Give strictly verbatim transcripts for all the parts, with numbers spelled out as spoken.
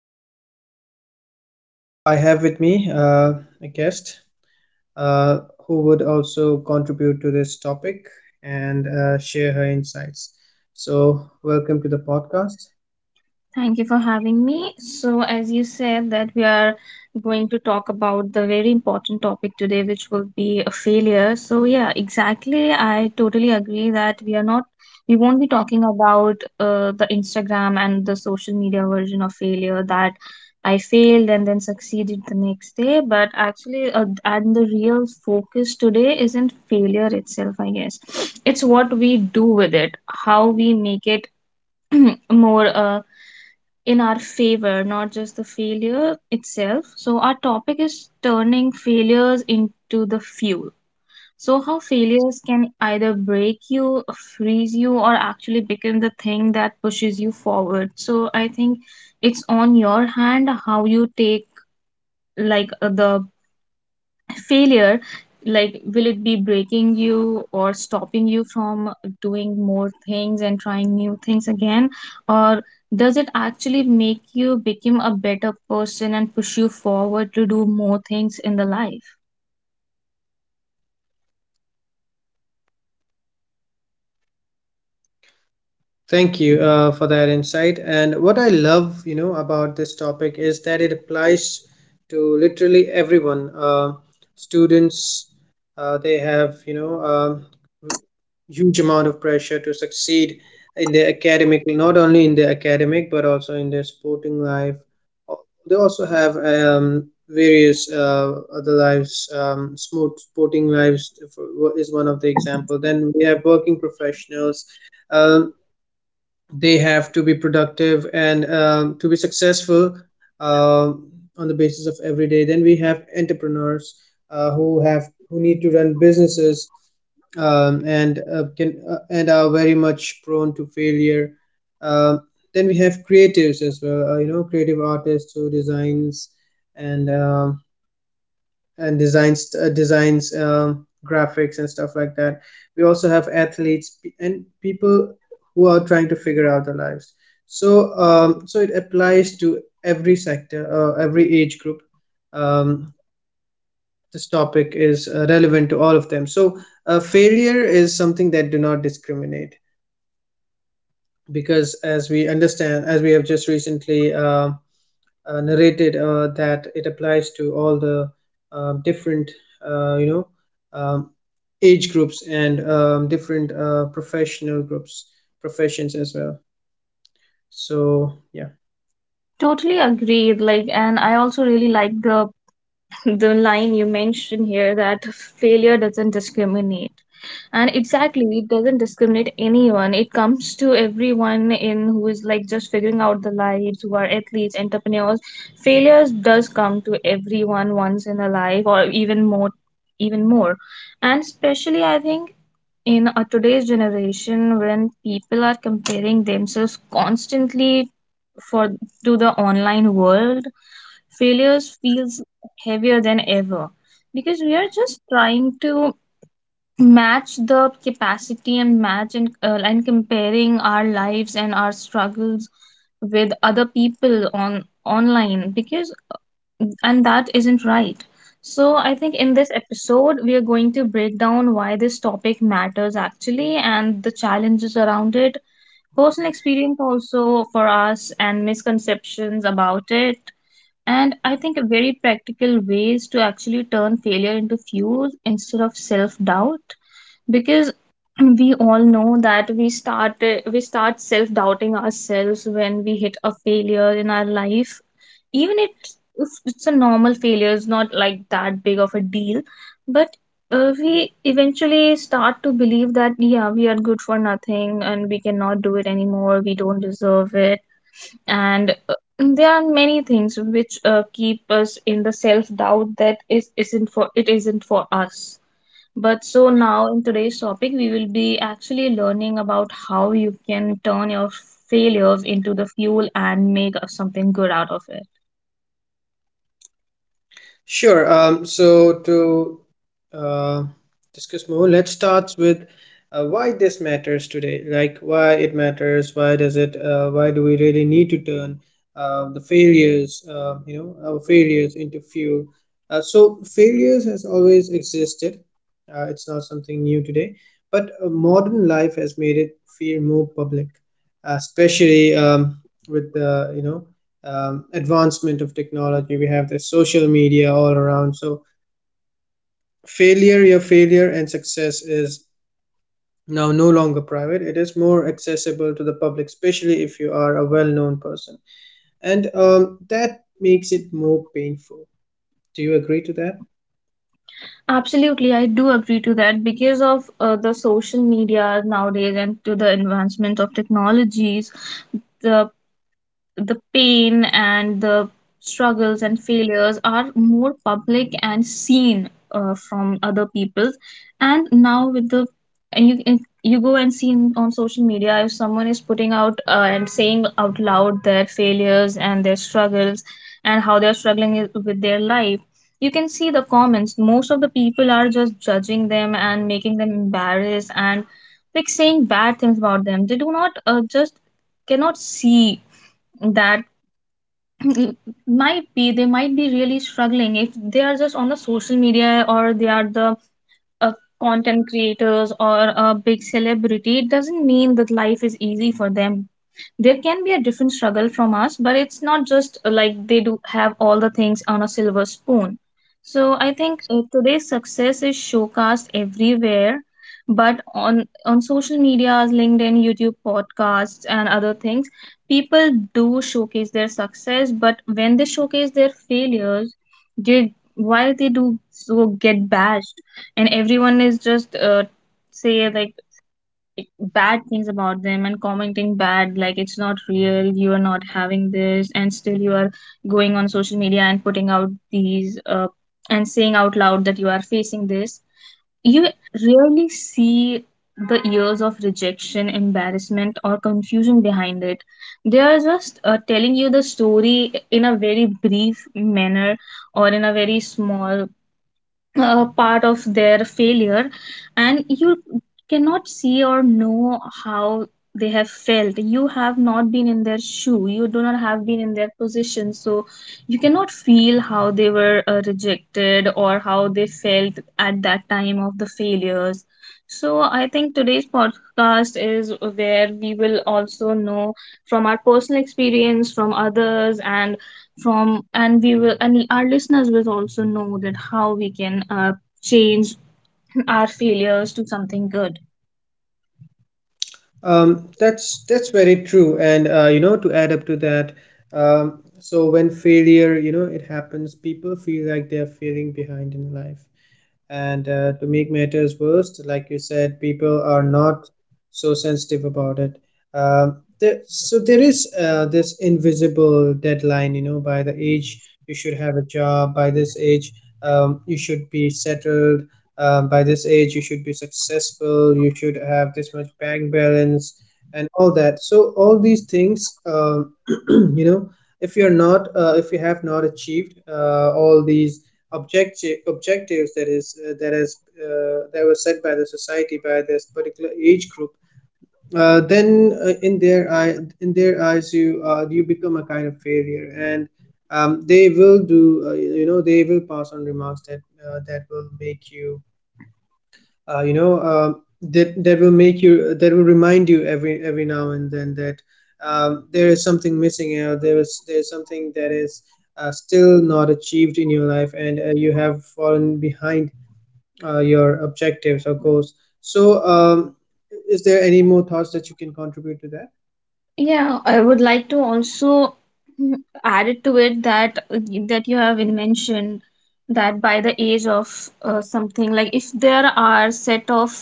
failure. So I have with me uh, a guest uh, who would also contribute to this topic and uh, share her insights. So, welcome to the podcast. Thank you for having me. So, as you said, that we are going to talk about the very important topic today, which will be a failure. So, yeah, exactly. I totally agree that we are not, we won't be talking about uh, the Instagram and the social media version of failure that I failed and then succeeded the next day. But actually, uh, and the real focus today isn't failure itself, I guess. It's what we do with it, how we make it more. Uh, in our favor, not just the failure itself. So, our topic is turning failures into the fuel. So, how failures can either break you, freeze you, or actually become the thing that pushes you forward. So, I think it's on your hand how you take like uh, the failure like will it be breaking you or stopping you from doing more things and trying new things again, or does it actually make you become a better person and push you forward to do more things in the life? Thank you uh, for that insight. And what I love, you know, about this topic is that it applies to literally everyone. Uh, students, uh, they have, you know, um, huge amount of pressure to succeed in their academic, not only in their academic but also in their sporting life. Al- They also have um, various uh, other lives. Um, smooth sporting lives is one of the example. Then we have working professionals. Um, they have to be productive and um, to be successful um on the basis of every day. Then we have entrepreneurs uh, who have who need to run businesses, um, and uh, can uh, and are very much prone to failure, um, then we have creatives as well. Uh, you know, creative artists who designs and um, and designs uh, designs um, graphics and stuff like that. We also have athletes and people who are trying to figure out their lives. So um, so it applies to every sector, uh, every age group. um, this topic is uh, relevant to all of them. So uh, failure is something that do not discriminate, because as we understand, as we have just recently uh, uh, narrated, uh, that it applies to all the um, different, uh, you know um, age groups and um, different uh, professional groups professions as well, so yeah. Totally agreed, like, and I also really like the the line you mentioned here, that failure doesn't discriminate. And exactly, it doesn't discriminate anyone. It comes to everyone, in who is like just figuring out the lives, who are athletes, entrepreneurs. Failures does come to everyone once in a life or even more even more. And especially I think in a today's generation, when people are comparing themselves constantly, for, to the online world, failures feels heavier than ever, because we are just trying to match the capacity and match and, uh, and comparing our lives and our struggles with other people on online because, and that isn't right. So, I think in this episode, we are going to break down why this topic matters actually, and the challenges around it, personal experience also for us, and misconceptions about it. And I think very practical ways to actually turn failure into fuel instead of self doubt, because we all know that we start we start self doubting ourselves when we hit a failure in our life. even it, if it's a normal failure, is not like that big of a deal. But uh, we eventually start to believe that yeah, we are good for nothing and we cannot do it anymore, we don't deserve it. And uh, there are many things which uh, keep us in the self doubt, that is isn't for it, isn't for us. But so now in today's topic, we will be actually learning about how you can turn your failures into the fuel and make something good out of it. Sure. Um, so to uh, discuss more, let's start with uh, why this matters today. Like, why it matters. Why does it? Uh, why do we really need to turn uh, the failures, uh, you know, our failures into fuel? Uh, so failures has always existed. Uh, it's not something new today, but uh, modern life has made it feel more public, uh, especially um, with the, you know, um, advancement of technology. We have the social media all around, so failure, your failure and success is now no longer private. It is more accessible to the public, especially if you are a well-known person, and um, that makes it more painful. Do you agree to that? Absolutely, I do agree to that, because of uh, the social media nowadays and to the advancement of technologies. The the pain and the struggles and failures are more public and seen uh, from other people. And now with the, and you, and you go and see in- on social media, if someone is putting out uh, and saying out loud their failures and their struggles, and how they're struggling i- with their life, you can see the comments, most of the people are just judging them and making them embarrassed and like saying bad things about them. They do not uh, just cannot see that might be, they might be really struggling. If they are just on the social media, or they are the a content creators, or a big celebrity, it doesn't mean that life is easy for them. There can be a different struggle from us, but it's not just uh, like they do have all the things on a silver spoon. So I think uh, today's success is showcased everywhere, but on on social medias, linkedin, youtube, podcasts, and other things, people do showcase their success. But when they showcase their failures, they, why they do so get bashed, and everyone is just uh, say like bad things about them and commenting bad, like it's not real, you are not having this and still you are going on social media and putting out these uh, and saying out loud that you are facing this. You rarely see the years of rejection, embarrassment, or confusion behind it. They are just uh, telling you the story in a very brief manner, or in a very small uh, part of their failure. And you cannot see or know how they have felt. You have not been in their shoe, you do not have been in their position. So you cannot feel how they were uh, rejected or how they felt at that time of the failures. So I think today's podcast is where we will also know, from our personal experience, from others, and from, and we will, and our listeners will also know that how we can uh, change our failures to something good. um, that's that's very true, and uh, you know, to add up to that, um, so when failure, you know, it happens, people feel like they're failing behind in life. And uh, to make matters worse, like you said, people are not so sensitive about it. Um there, so there is uh, this invisible deadline, you know, by the age you should have a job, by this age um, you should be settled, um, by this age you should be successful, you should have this much bank balance, and all that. So all these things, um, you know, if you're not, uh, if you have not achieved uh, all these objective objectives that is uh, that has uh, that was set by the society by this particular age group, uh, then uh, in their eye in their eyes you uh, you become a kind of failure, and um, they will do uh, you know, they will pass on remarks that uh, that will make you uh, you know um that that will make you that will remind you every every now and then that um, there is something missing, you know, there is there is something that is uh, still not achieved in your life, and uh, you have fallen behind uh, your objectives or goals. So um, is there any more thoughts that you can contribute to that? Yeah, I would like to also add it to it, that that you have mentioned that by the age of uh, something, like if there are set of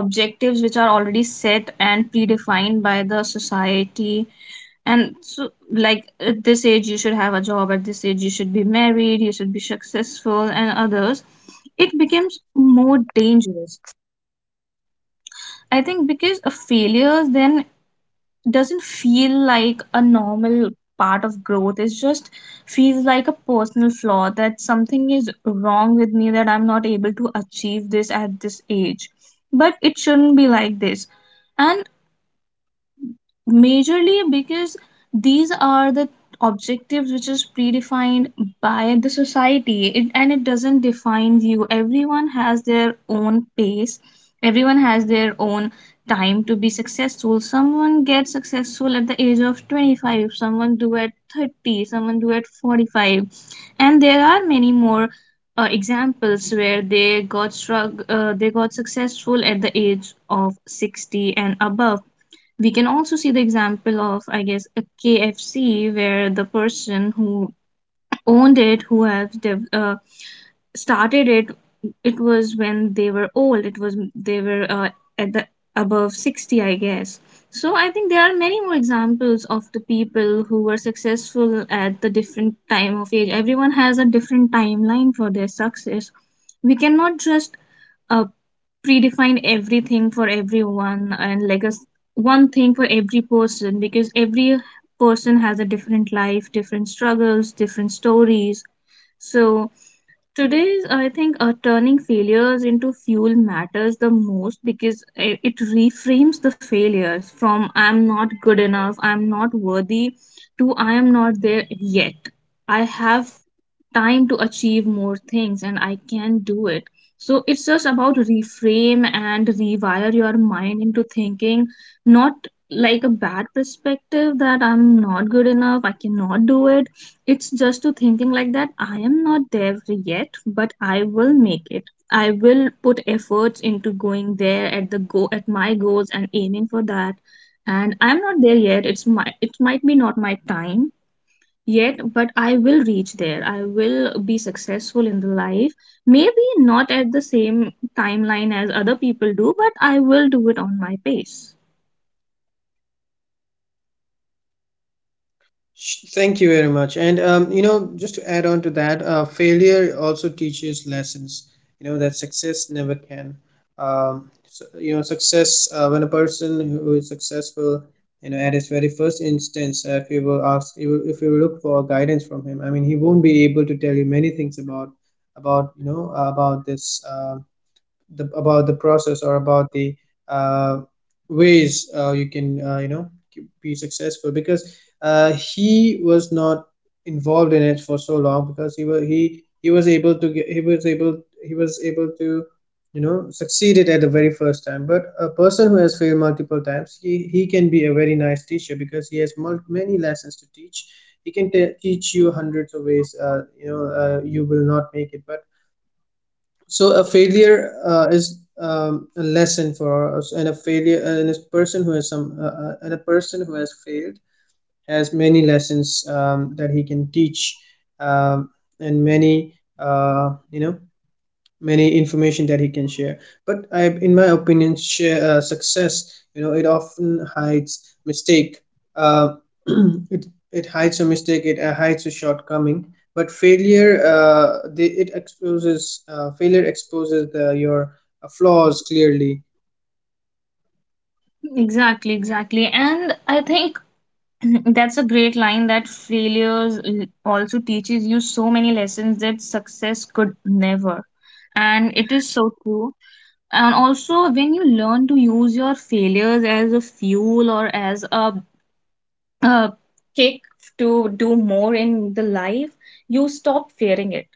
objectives which are already set and predefined by the society, and so like at this age you should have a job, at this age you should be married, you should be successful and others, it becomes more dangerous. I think because a failure then doesn't feel like a normal part of growth. It just feels like a personal flaw, that something is wrong with me, that I'm not able to achieve this at this age. But it shouldn't be like this. And majorly because these are the objectives which is predefined by the society, it, and it doesn't define you. Everyone has their own pace, everyone has their own time to be successful. Someone gets successful at the age of twenty-five, someone do at thirty, someone do at forty-five. And there are many more uh, examples where they got strugg- uh, they got successful at the age of sixty and above. We can also see the example of I guess a KFC, where the person who owned it, who have dev- uh, started it, it was when they were old, it was they were uh, at the above sixty I guess. So I think there are many more examples of the people who were successful at the different time of age. Everyone has a different timeline for their success. We cannot just uh, predefine everything for everyone, and like a s- one thing for every person, because every person has a different life, different struggles, different stories. So today's, I think, uh, turning failures into fuel matters the most, because i- it reframes the failures from I'm not good enough, I'm not worthy, to I am not there yet. I have time to achieve more things and I can do it. So it's just about reframe and rewire your mind into thinking, not like a bad perspective that I'm not good enough, I cannot do it, it's just to thinking like that I am not there yet, but I will make it. I will put efforts into going there, at the go at my goals and aiming for that. And I'm not there yet. It's my, it might be not my time yet, but I will reach there. I will be successful in the life. Maybe not at the same timeline as other people do, but I will do it on my pace. Sh- Thank you very much. And um, you know, just to add on to that, uh, failure also teaches lessons. You know, that success never can. Um, so, you know, success uh, when a person who is successful, you know, at his very first instance, uh, if you will ask, if you if you look for guidance from him, I mean, he won't be able to tell you many things about about you know about this. Um the, about the process, or about the uh, ways uh, you can uh, you know be successful, because uh, he was not involved in it for so long, because he was he he was able to get he was able he was able to, you know, succeed it at the very first time. But a person who has failed multiple times, he he can be a very nice teacher because he has mul- many lessons to teach. He can te- teach you hundreds of ways uh, you know uh, you will not make it. But so a failure uh, is um, a lesson for us, and a failure and a person who has some uh, uh, and a person who has failed has many lessons um, that he can teach, um, and many uh, you know many information that he can share. But I, in my opinion share, uh, success, you know, it often hides mistake. uh, it, it hides a mistake, it uh, hides a shortcoming, but failure, uh, the, it exposes uh, failure exposes the, your uh, flaws clearly. Exactly, exactly. And I think mhm, that's a great line, that failures l- also teaches you so many lessons that success could never. And it is so true. And also, when you learn to use your failures as a fuel, or as a uh, kick to do more in the life, you stop fearing it.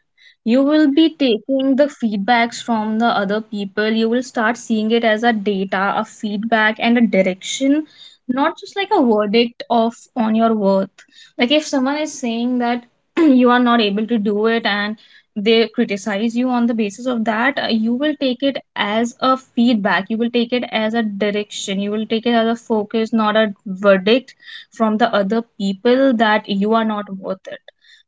You will be taking the feedbacks from the other people. You will start seeing it as a data, a feedback, and a direction, not just like a verdict of on your worth. Like if someone is saying that you are not able to do it, and they criticize you on the basis of that, uh, you will take it as a feedback. You will take it as a direction. You will take it as a focus, not a verdict from the other people that you are not worth it.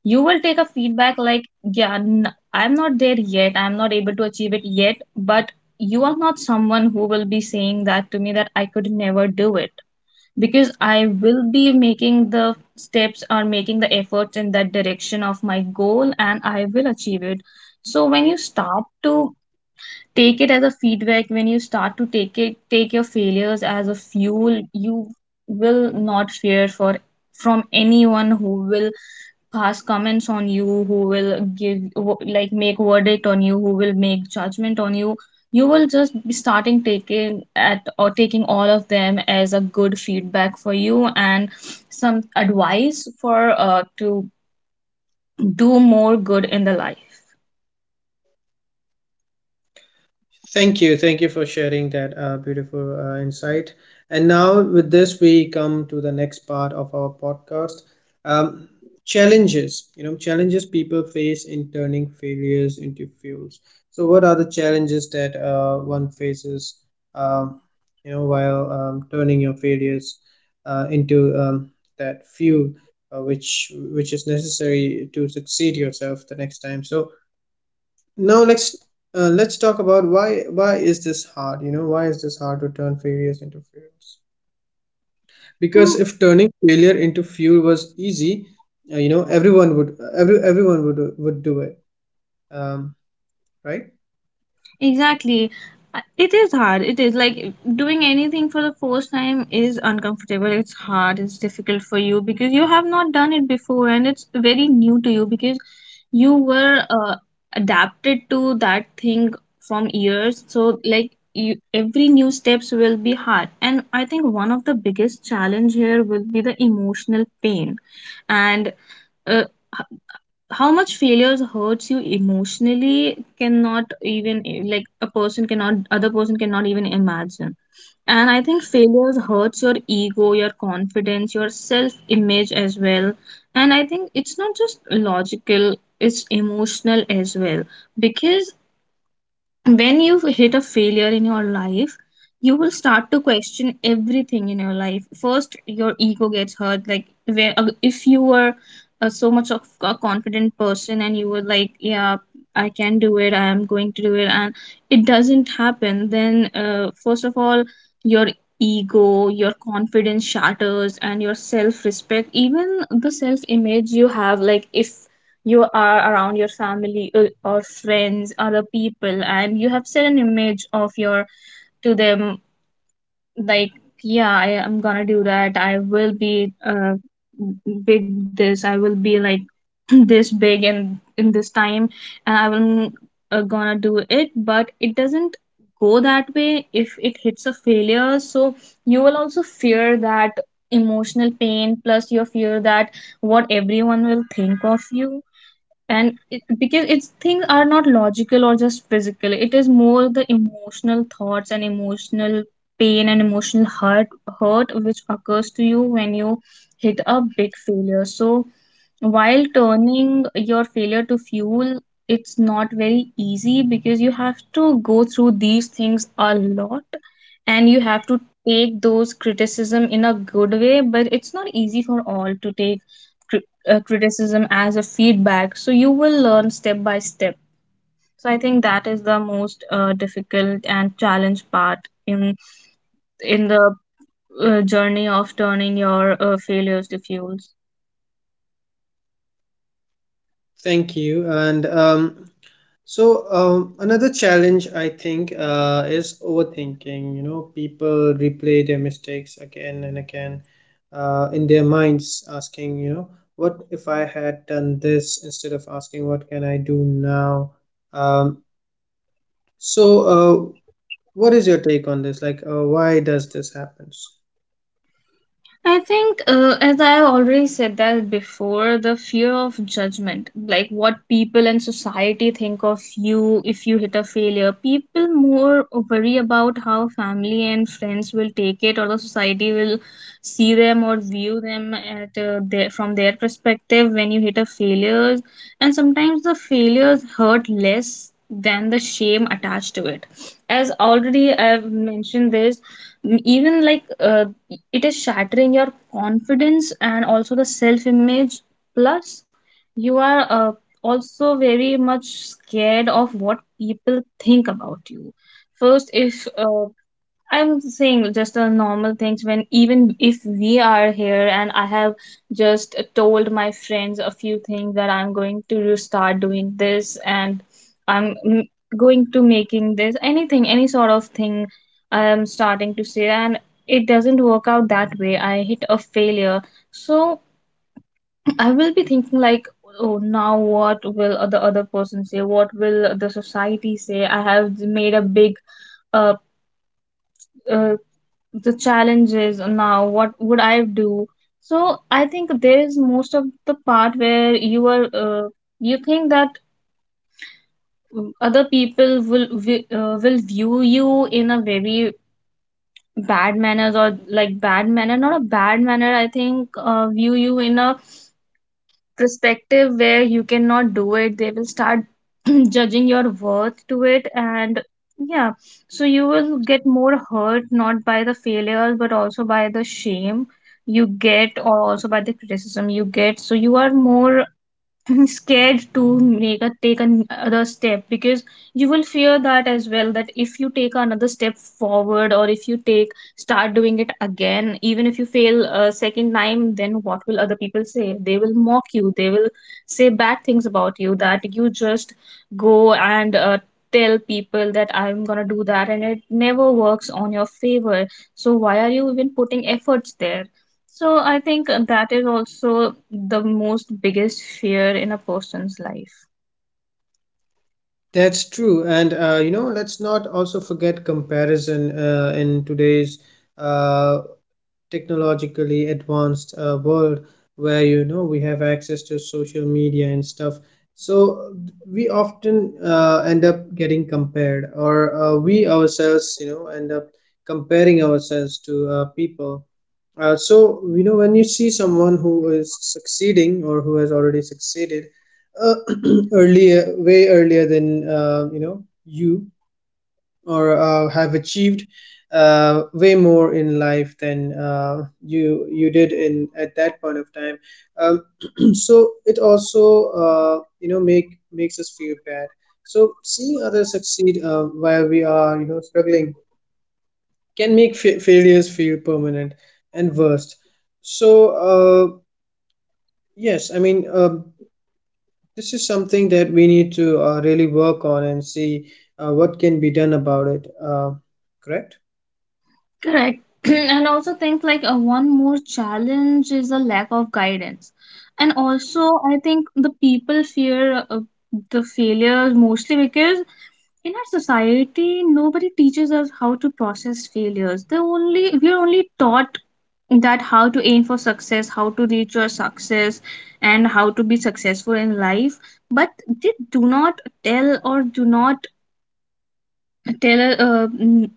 You will take a feedback like, yeah, n- I'm not there yet, I'm not able to achieve it yet, but you are not someone who will be saying that to me that I could never do it, because I will be making the steps or making the efforts in that direction of my goal and I will achieve it. So when you start to take it as a feedback, when you start to take it take your failures as a fuel, you will not fear for from anyone who will pass comments on you, who will give, like, make verdict on you, who will make judgment on you. You will just be starting taking at or taking all of them as a good feedback for you and some advice for uh, to do more good in the life. Thank you. Thank you for sharing that uh, beautiful uh, insight. And now, with this, we come to the next part of our podcast, um, challenges. You know, challenges people face in turning failures into fuels. So, what are the challenges that uh, one faces, um, you know, while um, turning your failures uh, into um, that fuel? Uh, which which is necessary to succeed yourself the next time. So now let's uh, Let's talk about why why is this hard, you know, why is this hard to turn failures into fuels, because if turning failure into fuel was easy, uh, you know, everyone would every everyone would would do it, um, right? Exactly. Uh, It is hard. It is like doing anything for the first time is uncomfortable. It's hard. It's difficult for you because you have not done it before and it's very new to you because you were uh, adapted to that thing from years. So, like, you, every new steps will be hard. And I think one of the biggest challenge here will be the emotional pain, and uh, how much failures hurts you emotionally cannot even, like, a person cannot other person cannot even imagine. And I think failures hurts your ego, your confidence, your self image as well, and I think it's not just logical, it's emotional as well. Because when you hit a failure in your life, you will start to question everything in your life. First your ego gets hurt, like where, uh, if you were uh, so much of a confident person and you were like, yeah, I can do it, I am going to do it, and it doesn't happen, then uh, first of all your ego, your confidence shatters, and your self respect, even the self image you have. Like if you are around your family, uh, or friends, other people, and you have set an image of your to them, like, yeah, I am gonna do that, I will be uh, big this, I will be like this big in in this time, and I will uh, gonna do it, but it doesn't go that way, if it hits a failure. So you will also fear that emotional pain, plus you fear that what everyone will think of you. And it, because it's things are not logical or just physical, it is more the emotional thoughts and emotional pain and emotional hurt hurt which occurs to you when you hit a big failure. So while turning your failure to fuel, it's not very easy because you have to go through these things a lot, and you have to take those criticism in a good way, but it's not easy for all to take uh, criticism as a feedback. So you will learn step by step. So I think that is the most uh, difficult and challenge part in in the uh, journey of turning your uh, failures to fuels. Thank you, and um, so um, another challenge I think uh, is overthinking. You know, people replay their mistakes again and again uh, in their minds, asking, you know, what if I had done this, instead of asking, what can I do now? Um, so, uh, what is your take on this? Like, uh, why does this happen? I think, uh, as I already said that before, the fear of judgment, like what people and society think of you if you hit a failure. People more worry about how family and friends will take it, or the society will see them or view them at uh, their, from their perspective when you hit a failure. And sometimes the failures hurt less than the shame attached to it. As already I've mentioned this, m- even like uh, it is shattering your confidence and also the self image. Plus you are uh, also very much scared of what people think about you. First if uh, I'm saying just the normal things, when even if we are here and I have just told my friends a few things that I'm going to start doing this, and I'm mm, going to making this, anything, any sort of thing I'm starting to say, and it doesn't work out that way, I hit a failure. So I will be thinking like, oh, now what will the other person say, what will the society say, I have made a big uh, uh, the challenges, now what would I do? So I think there is most of the part where you are, uh, you think that, mm, other people will vi- uh, will view you in a very bad manners, or like bad manner, not a bad manner, I think, uh, view you in a perspective where you cannot do it, they will start judging your worth to it. And yeah, so you will get more hurt not by the failures but also by the shame you get, or also by the criticism you get. So you are more scared to make a take an, another step, because you will fear that as well, that if you take another step forward, or if you take start doing it again, even if you fail a second time, then what will other people say, they will mock you, they will say bad things about you, that you just go and uh, tell people that I'm going to do that, and it never works on your favor, so why are you even putting efforts there. So I think that is also the most biggest fear in a person's life. That's true, and uh, you know, let's not also forget comparison uh, in today's uh, technologically advanced uh, world, where, you know, we have access to social media and stuff. So we often uh, end up getting compared, or uh, we ourselves, you know, end up comparing ourselves to uh, people. Uh, so, you know, when you see someone who is succeeding, or who has already succeeded uh, earlier, way earlier than uh, you know you, or uh, have achieved uh, way more in life than uh, you you did in at that point of time. Um, so it also uh, you know, make makes us feel bad. So seeing others succeed uh, while we are, you know, struggling, can make fa- failures feel permanent and worst. So uh, yes, I mean, uh, this is something that we need to uh, really work on and see uh, what can be done about it. Uh, correct? Correct. and also things like, uh, one more challenge is a lack of guidance. And also I think the people fear uh, the failures mostly because in our society nobody teaches us how to process failures. They only, we are only taught that how to aim for success, how to reach your success, and how to be successful in life. But they do not tell or do not tell uh, mm,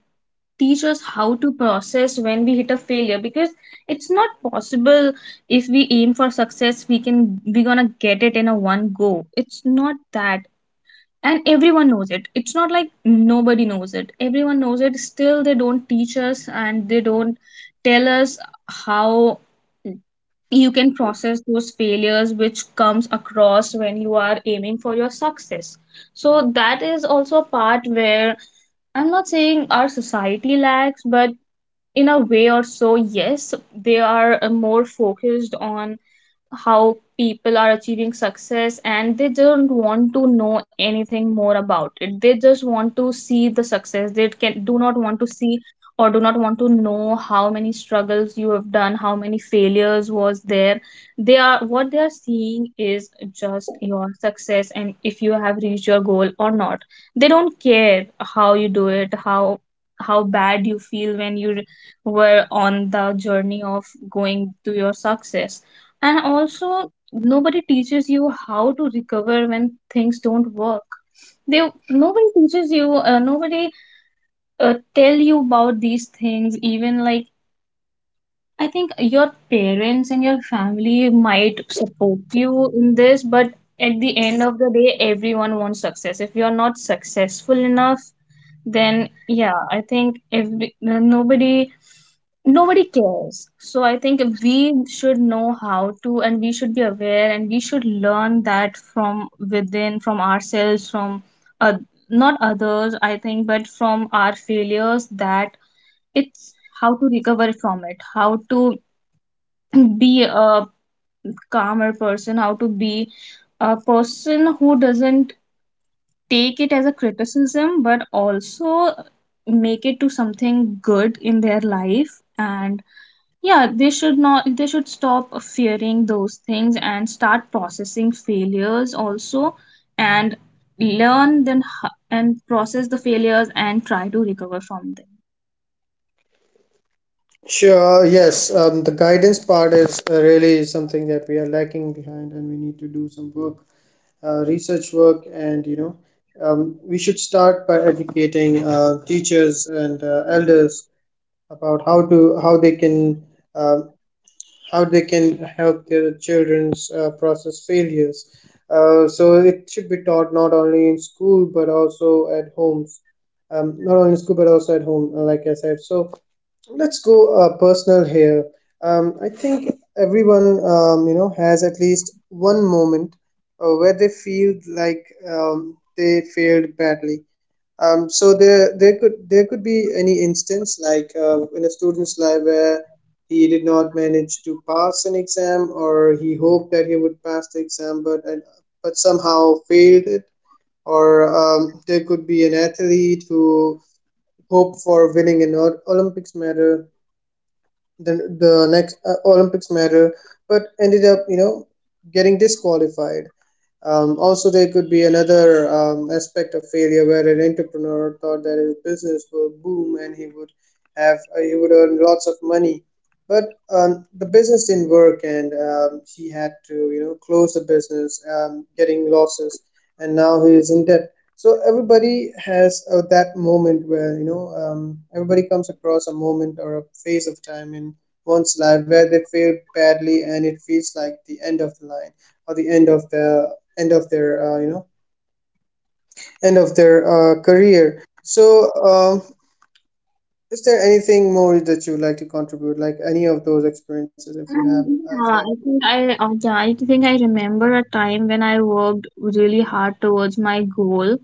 teach us how to process when we hit a failure, because it's not possible if we aim for success we can we gonna get it in a one go. It's not that. And everyone knows it. It's not like nobody knows it. Everyone knows it. Still, they don't teach us and they don't tell us how you can process those failures which comes across when you are aiming for your success. So that is also a part where, I'm not saying our society lacks, but in a way or so, yes, they are uh, more focused on how people are achieving success, and they don't want to know anything more about it. They just want to see the success. They can do not want to see or do not want to know how many struggles you have done, how many failures was there. They are, what they are seeing is just your success, and if you have reached your goal or not. They don't care how you do it, how how bad you feel when you were on the journey of going to your success. And also, nobody teaches you how to recover when things don't work. They Nobody teaches you. Uh, nobody uh, tell you about these things. Even like, I think your parents and your family might support you in this, but at the end of the day, everyone wants success. If you're not successful enough, then yeah, I think every uh, nobody, nobody cares. So I think we should know how to, and we should be aware, and we should learn that from within, from ourselves, from, uh, not others, I think, but from our failures. That it's how to recover from it, how to be a calmer person, how to be a person who doesn't take it as a criticism, but also make it to something good in their life. And yeah, they should not they should stop fearing those things and start processing failures also, and learn then ho- and process the failures and try to recover from them. Sure, yes. Um, the guidance part is uh, really something that we are lacking behind, and we need to do some work, uh, research work, and, you know, um, we should start by educating uh, teachers and uh, elders about how to how they can um, how they can help their children's uh, process failures. Uh, so it should be taught not only in school but also at homes, um, not only in school but also at home, uh, like I said. So let's go uh, personal here. Um, I think everyone, um, you know, has at least one moment uh, where they feel like um, they failed badly. Um, so there, there could there could be any instance, like uh, in a student's life where he did not manage to pass an exam, or he hoped that he would pass the exam, but and, but somehow failed it. Or um, there could be an athlete who hoped for winning an Ol- Olympics medal the the next uh, Olympics medal, but ended up, you know, getting disqualified. Um, also, there could be another um, aspect of failure where an entrepreneur thought that his business will boom and he would have uh, he would earn lots of money, but um, the business didn't work, and um, he had to you know close the business, um, getting losses, and now he is in debt. So everybody has uh, that moment where you know um, everybody comes across a moment or a phase of time in one's life where they fail badly and it feels like the end of the line, or the end of the end of their uh, you know end of their uh, career. So um, is there anything more that you would like to contribute, like any of those experiences, if you have uh, Um, if you have? yeah, I think I uh, yeah, I think I remember a time when I worked really hard towards my goal,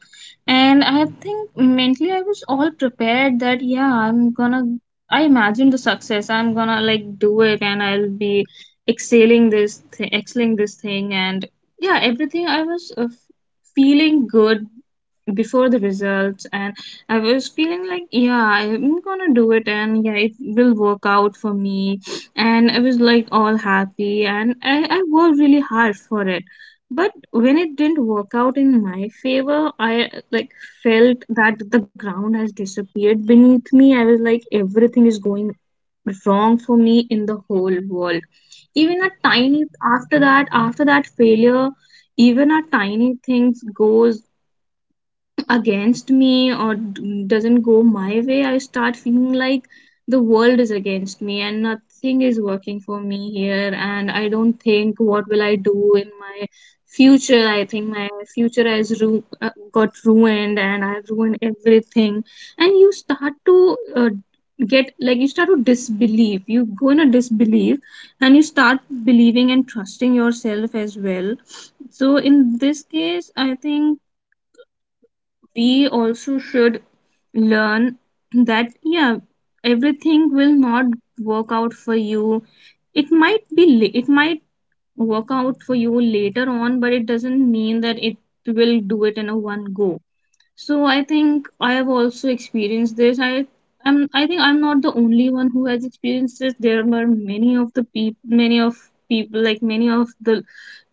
and I think mentally I was all prepared that, yeah, I'm gonna. I imagined the success, I'm gonna like do it, and I'll be excelling this, th- excelling this thing, and yeah, everything. I was uh, feeling good before the results, and I was feeling like, yeah, I'm gonna do it and yeah, it will work out for me. And I was like all happy, and I, I worked really hard for it. But when it didn't work out in my favor, I like felt that the ground has disappeared beneath me. I was like everything is going wrong for me in the whole world. Even a tiny after that, after that failure, even a tiny things goes against me or d- doesn't go my way, I start feeling like the world is against me and nothing is working for me here. And I don't think what will I do in my future. I think my future has ru- uh, got ruined and I've ruined everything. And you start to uh, get like you start to disbelieve. You go in a disbelief, and you start believing and trusting yourself as well. So in this case, I think we also should learn that, yeah, everything will not work out for you. It might be la- it might work out for you later on, but it doesn't mean that it will do it in a one go. So I think I have also experienced this. i am I think I'm not the only one who has experienced this. There were many of the people many of people like many of the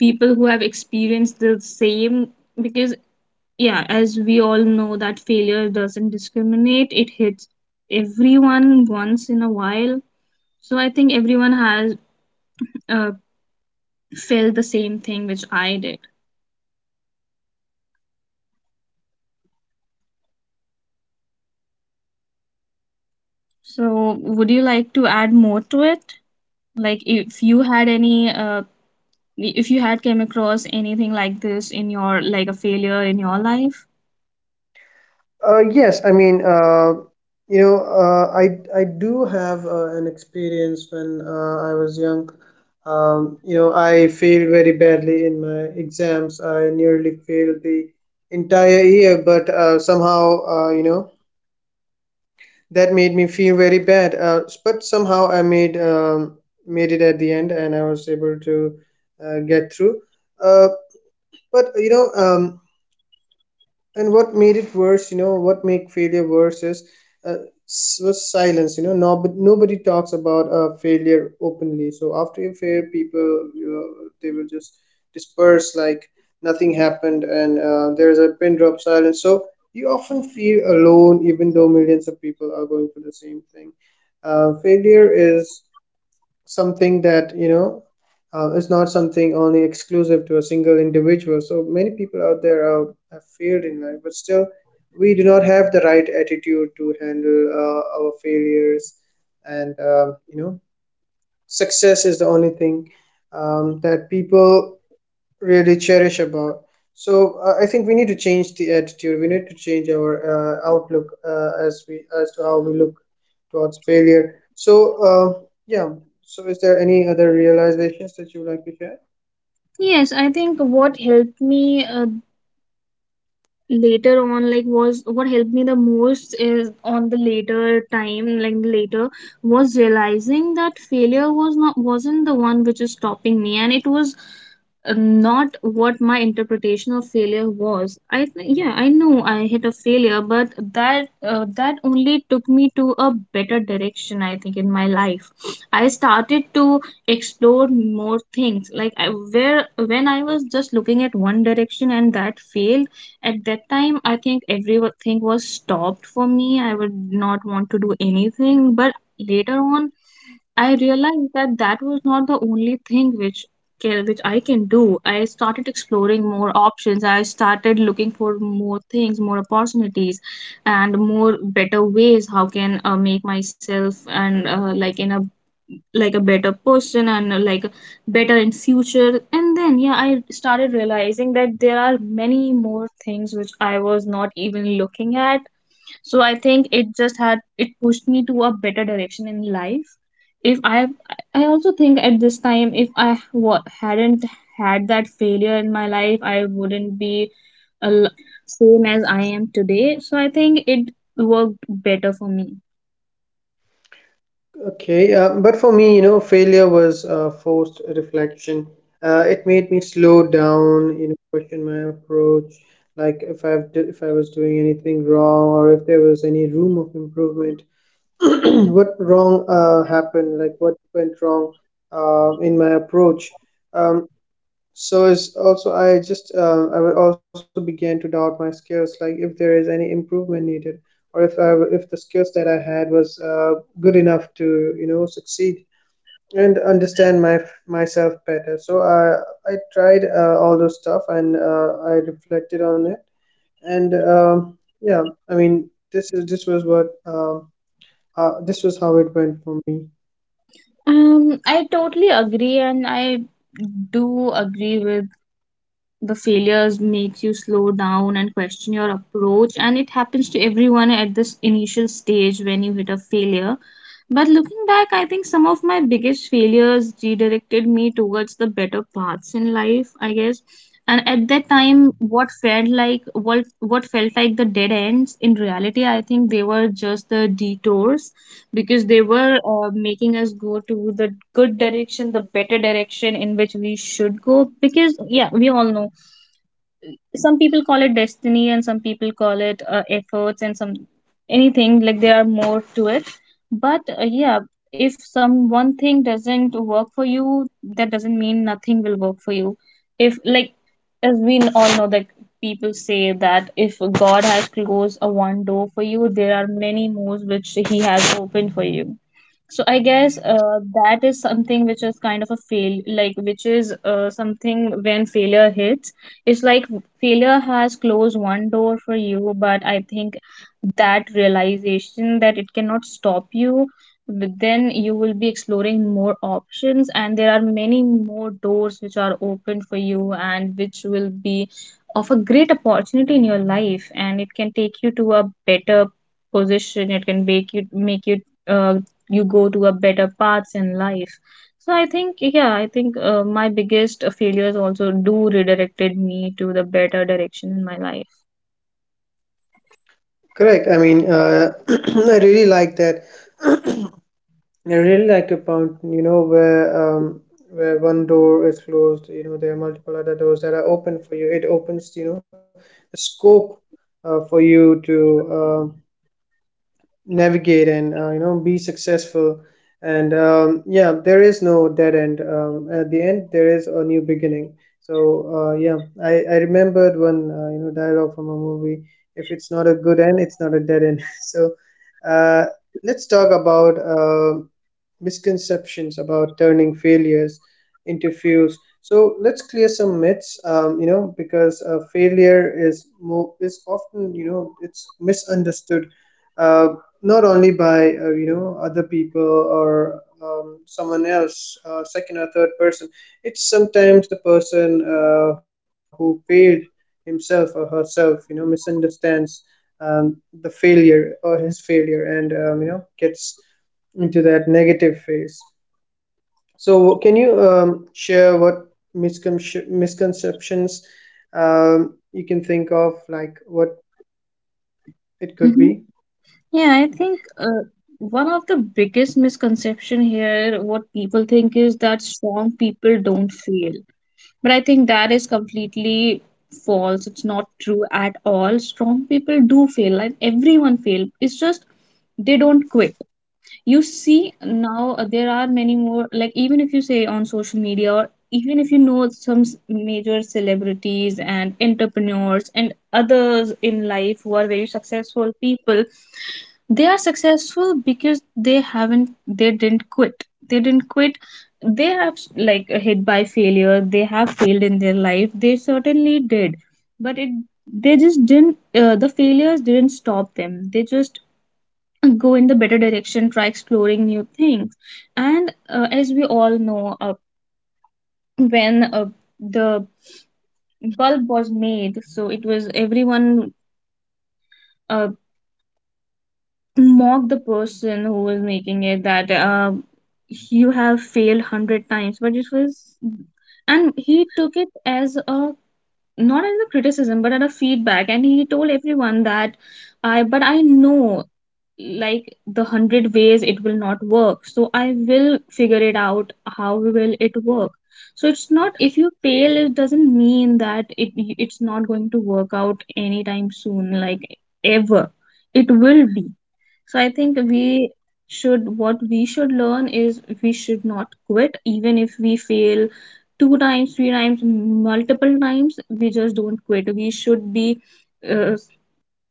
people who have experienced the same, because, yeah, as we all know that failure doesn't discriminate. It hits everyone once in a while. So I think everyone has uh, felt the same thing which I did. So would you like to add more to it, like if you had any uh, if you had came across anything like this in your, like, a failure in your life? Uh, yes, I mean, uh, you know, uh, I I do have uh, an experience when uh, I was young. Um, you know, I failed very badly in my exams. I nearly failed the entire year, but uh, somehow, uh, you know, that made me feel very bad. Uh, but somehow, I made um, made it at the end, and I was able to uh, get through. Uh, but you know, um, and what made it worse, you know, what make failure worse is, uh, s- was silence. You know, nobody nobody talks about uh, failure openly, so after you fail, people, you know, they will just disperse like nothing happened, and uh, there's a pin drop silence, so you often feel alone even though millions of people are going through the same thing. Uh, failure is something that, you know, uh, is not something only exclusive to a single individual. So many people out there are, have failed in life, but still we do not have the right attitude to handle uh, our failures. And um, you know, success is the only thing um, that people really cherish about. So uh, I think we need to change the attitude. We need to change our uh, outlook, uh, as we, as to how we look towards failure. So uh, yeah. So is there any other realizations that you would like to share? Yes, I think what helped me uh, later on, like, was what helped me the most is on the later time, like, the later was realizing that failure was not wasn't the one which is stopping me, and it was uh, not what my interpretation of failure was. I think, yeah, I know I hit a failure, but that uh, that only took me to a better direction, I think, in my life. I started to explore more things, like, I, where when I was just looking at one direction, and that failed. At that time, I think everything was stopped for me. I would not want to do anything. But later on, I realized that that was not the only thing which can, which I can do. I started exploring more options. I started looking for more things, more opportunities, and more better ways how can uh, make myself, and uh, like in a like a better person, and uh, like, better in future. And then, yeah, I started realizing that there are many more things which I was not even looking at. So I think it just had it pushed me to a better direction in life. If i I also think at this time, if I wa- hadn't had that failure in my life, I wouldn't be a l- same as I am today. So I think it worked better for me. Okay, uh, but for me, you know, failure was uh, forced reflection. Uh, it made me slow down, you know, question my approach, like if I've do, if I was doing anything wrong or if there was any room of improvement. What wrong uh, happened, like what went wrong uh, in my approach. Um, so it's also I just uh, I will also began to doubt my skills, like if there is any improvement needed, or if I, if the skills that I had was uh, good enough to, you know, succeed and understand my myself better. So I I tried uh, all those stuff, and uh, I reflected on it, and um yeah, I mean, this is, this was what um, uh, this was how it went for me. Um, I totally agree, and I do agree with, the failures makes you slow down and question your approach, and it happens to everyone at this initial stage when you hit a failure. But looking back, I think some of my biggest failures redirected me towards the better paths in life, I guess. And at that time, what felt like what what felt like the dead ends, in reality, I think they were just the detours, because they were uh, making us go to the good direction, the better direction in which we should go, because, yeah, we all know. Some people call it destiny, and some people call it uh, efforts, and some, anything, like, there are more to it. But, uh, yeah, if some one thing doesn't work for you, that doesn't mean nothing will work for you. If, like, as we all know that people say that if God has closed a one door for you, there are many more which he has opened for you. So I guess uh, that is something which is kind of a fail, like, which is uh, something when failure hits. It's like failure has closed one door for you, but I think that realization that it cannot stop you, but then you will be exploring more options, and there are many more doors which are open for you and which will be of a great opportunity in your life, and it can take you to a better position. It can make you make you uh, you go to a better paths in life. So I think, yeah, I think, uh, my biggest uh, failures also do redirected me to the better direction in my life. Correct. I mean, uh, I really like that. I really like the point, you know, where um, where one door is closed, you know, there are multiple other doors that are open for you. It opens, you know, a scope uh, for you to um, navigate and, uh, you know, be successful. And um, yeah, there is no dead end. Um, at the end, there is a new beginning. So uh, yeah, I, I remembered one, uh, you know, dialogue from a movie: if it's not a good end, it's not a dead end. So uh, let's talk about um misconceptions about turning failures into fuels. So let's clear some myths, um, you know, because uh, failure is mo- is often, you know, it's misunderstood, uh, not only by, uh, you know, other people or um, someone else, uh, second or third person. It's sometimes the person uh, who failed himself or herself, you know, misunderstands um, the failure or his failure, and, um, you know, gets into that negative phase. So, can you um, share what miscon- misconceptions um, you can think of, like what it could Hmm. be? Yeah, I think uh, one of the biggest misconception here, what people think is that strong people don't fail. But I think that is completely false. It's not true at all. Strong people do fail, and everyone fail. It's just they don't quit. You see, now uh, there are many more, like, even if you say on social media, or even if you know some s- major celebrities and entrepreneurs and others in life who are very successful people. They are successful because they haven't they didn't quit. They didn't quit. They have, like, hit by failure. They have failed in their life. They certainly did. But it they just didn't uh, the failures didn't stop them. They just go in the better direction, try exploring new things. And uh, as we all know, uh, when uh, the bulb was made, so it was everyone uh, mocked the person who was making it, that, uh, you have failed one hundred times. But it was and he took it as a not as a criticism, but as a feedback. And he told everyone that— I but I know, like, the hundred ways it will not work, so I will figure it out how will it work. So it's not— if you fail, it doesn't mean that it it's not going to work out anytime soon, like, ever. It will be. So I think we should, what we should learn is we should not quit, even if we fail two times, three times, multiple times, we just don't quit. We should be uh,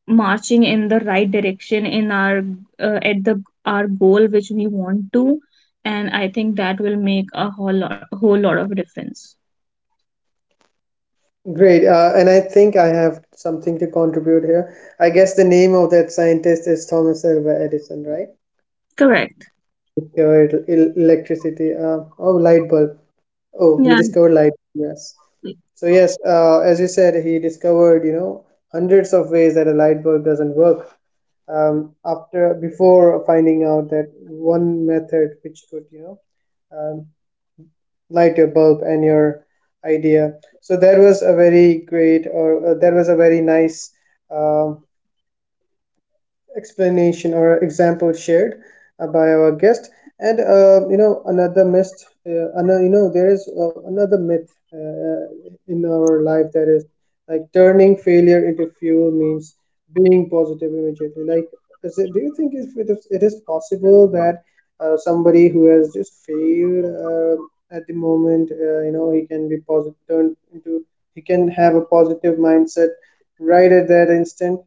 marching in the right direction in our uh, at the our goal which we want to, and I think that will make a whole lot whole lot of difference. Great. Uh, and I think I have something to contribute here. I guess the name of that scientist is Thomas Alva Edison, right? Correct. Discovered el- electricity. Uh, oh, light bulb. Oh, he Yeah, discovered light. Yes. So, yes, uh, as you said, he discovered, you know, hundreds of ways that a light bulb doesn't work, um, after before finding out that one method which could, you know, um, light your bulb and your idea. So that was a very great, or uh, that was a very nice um, explanation or example shared uh, by our guest. And uh, you know, another myth uh, another, you know, there is uh, another myth, uh, uh, in our life, that is like turning failure into fuel means being positive immediately. Like is it, do you think if it is, it is possible that uh, somebody who has just failed uh, at the moment, uh, you know, he can be positive, turned into, he can have a positive mindset right at that instant?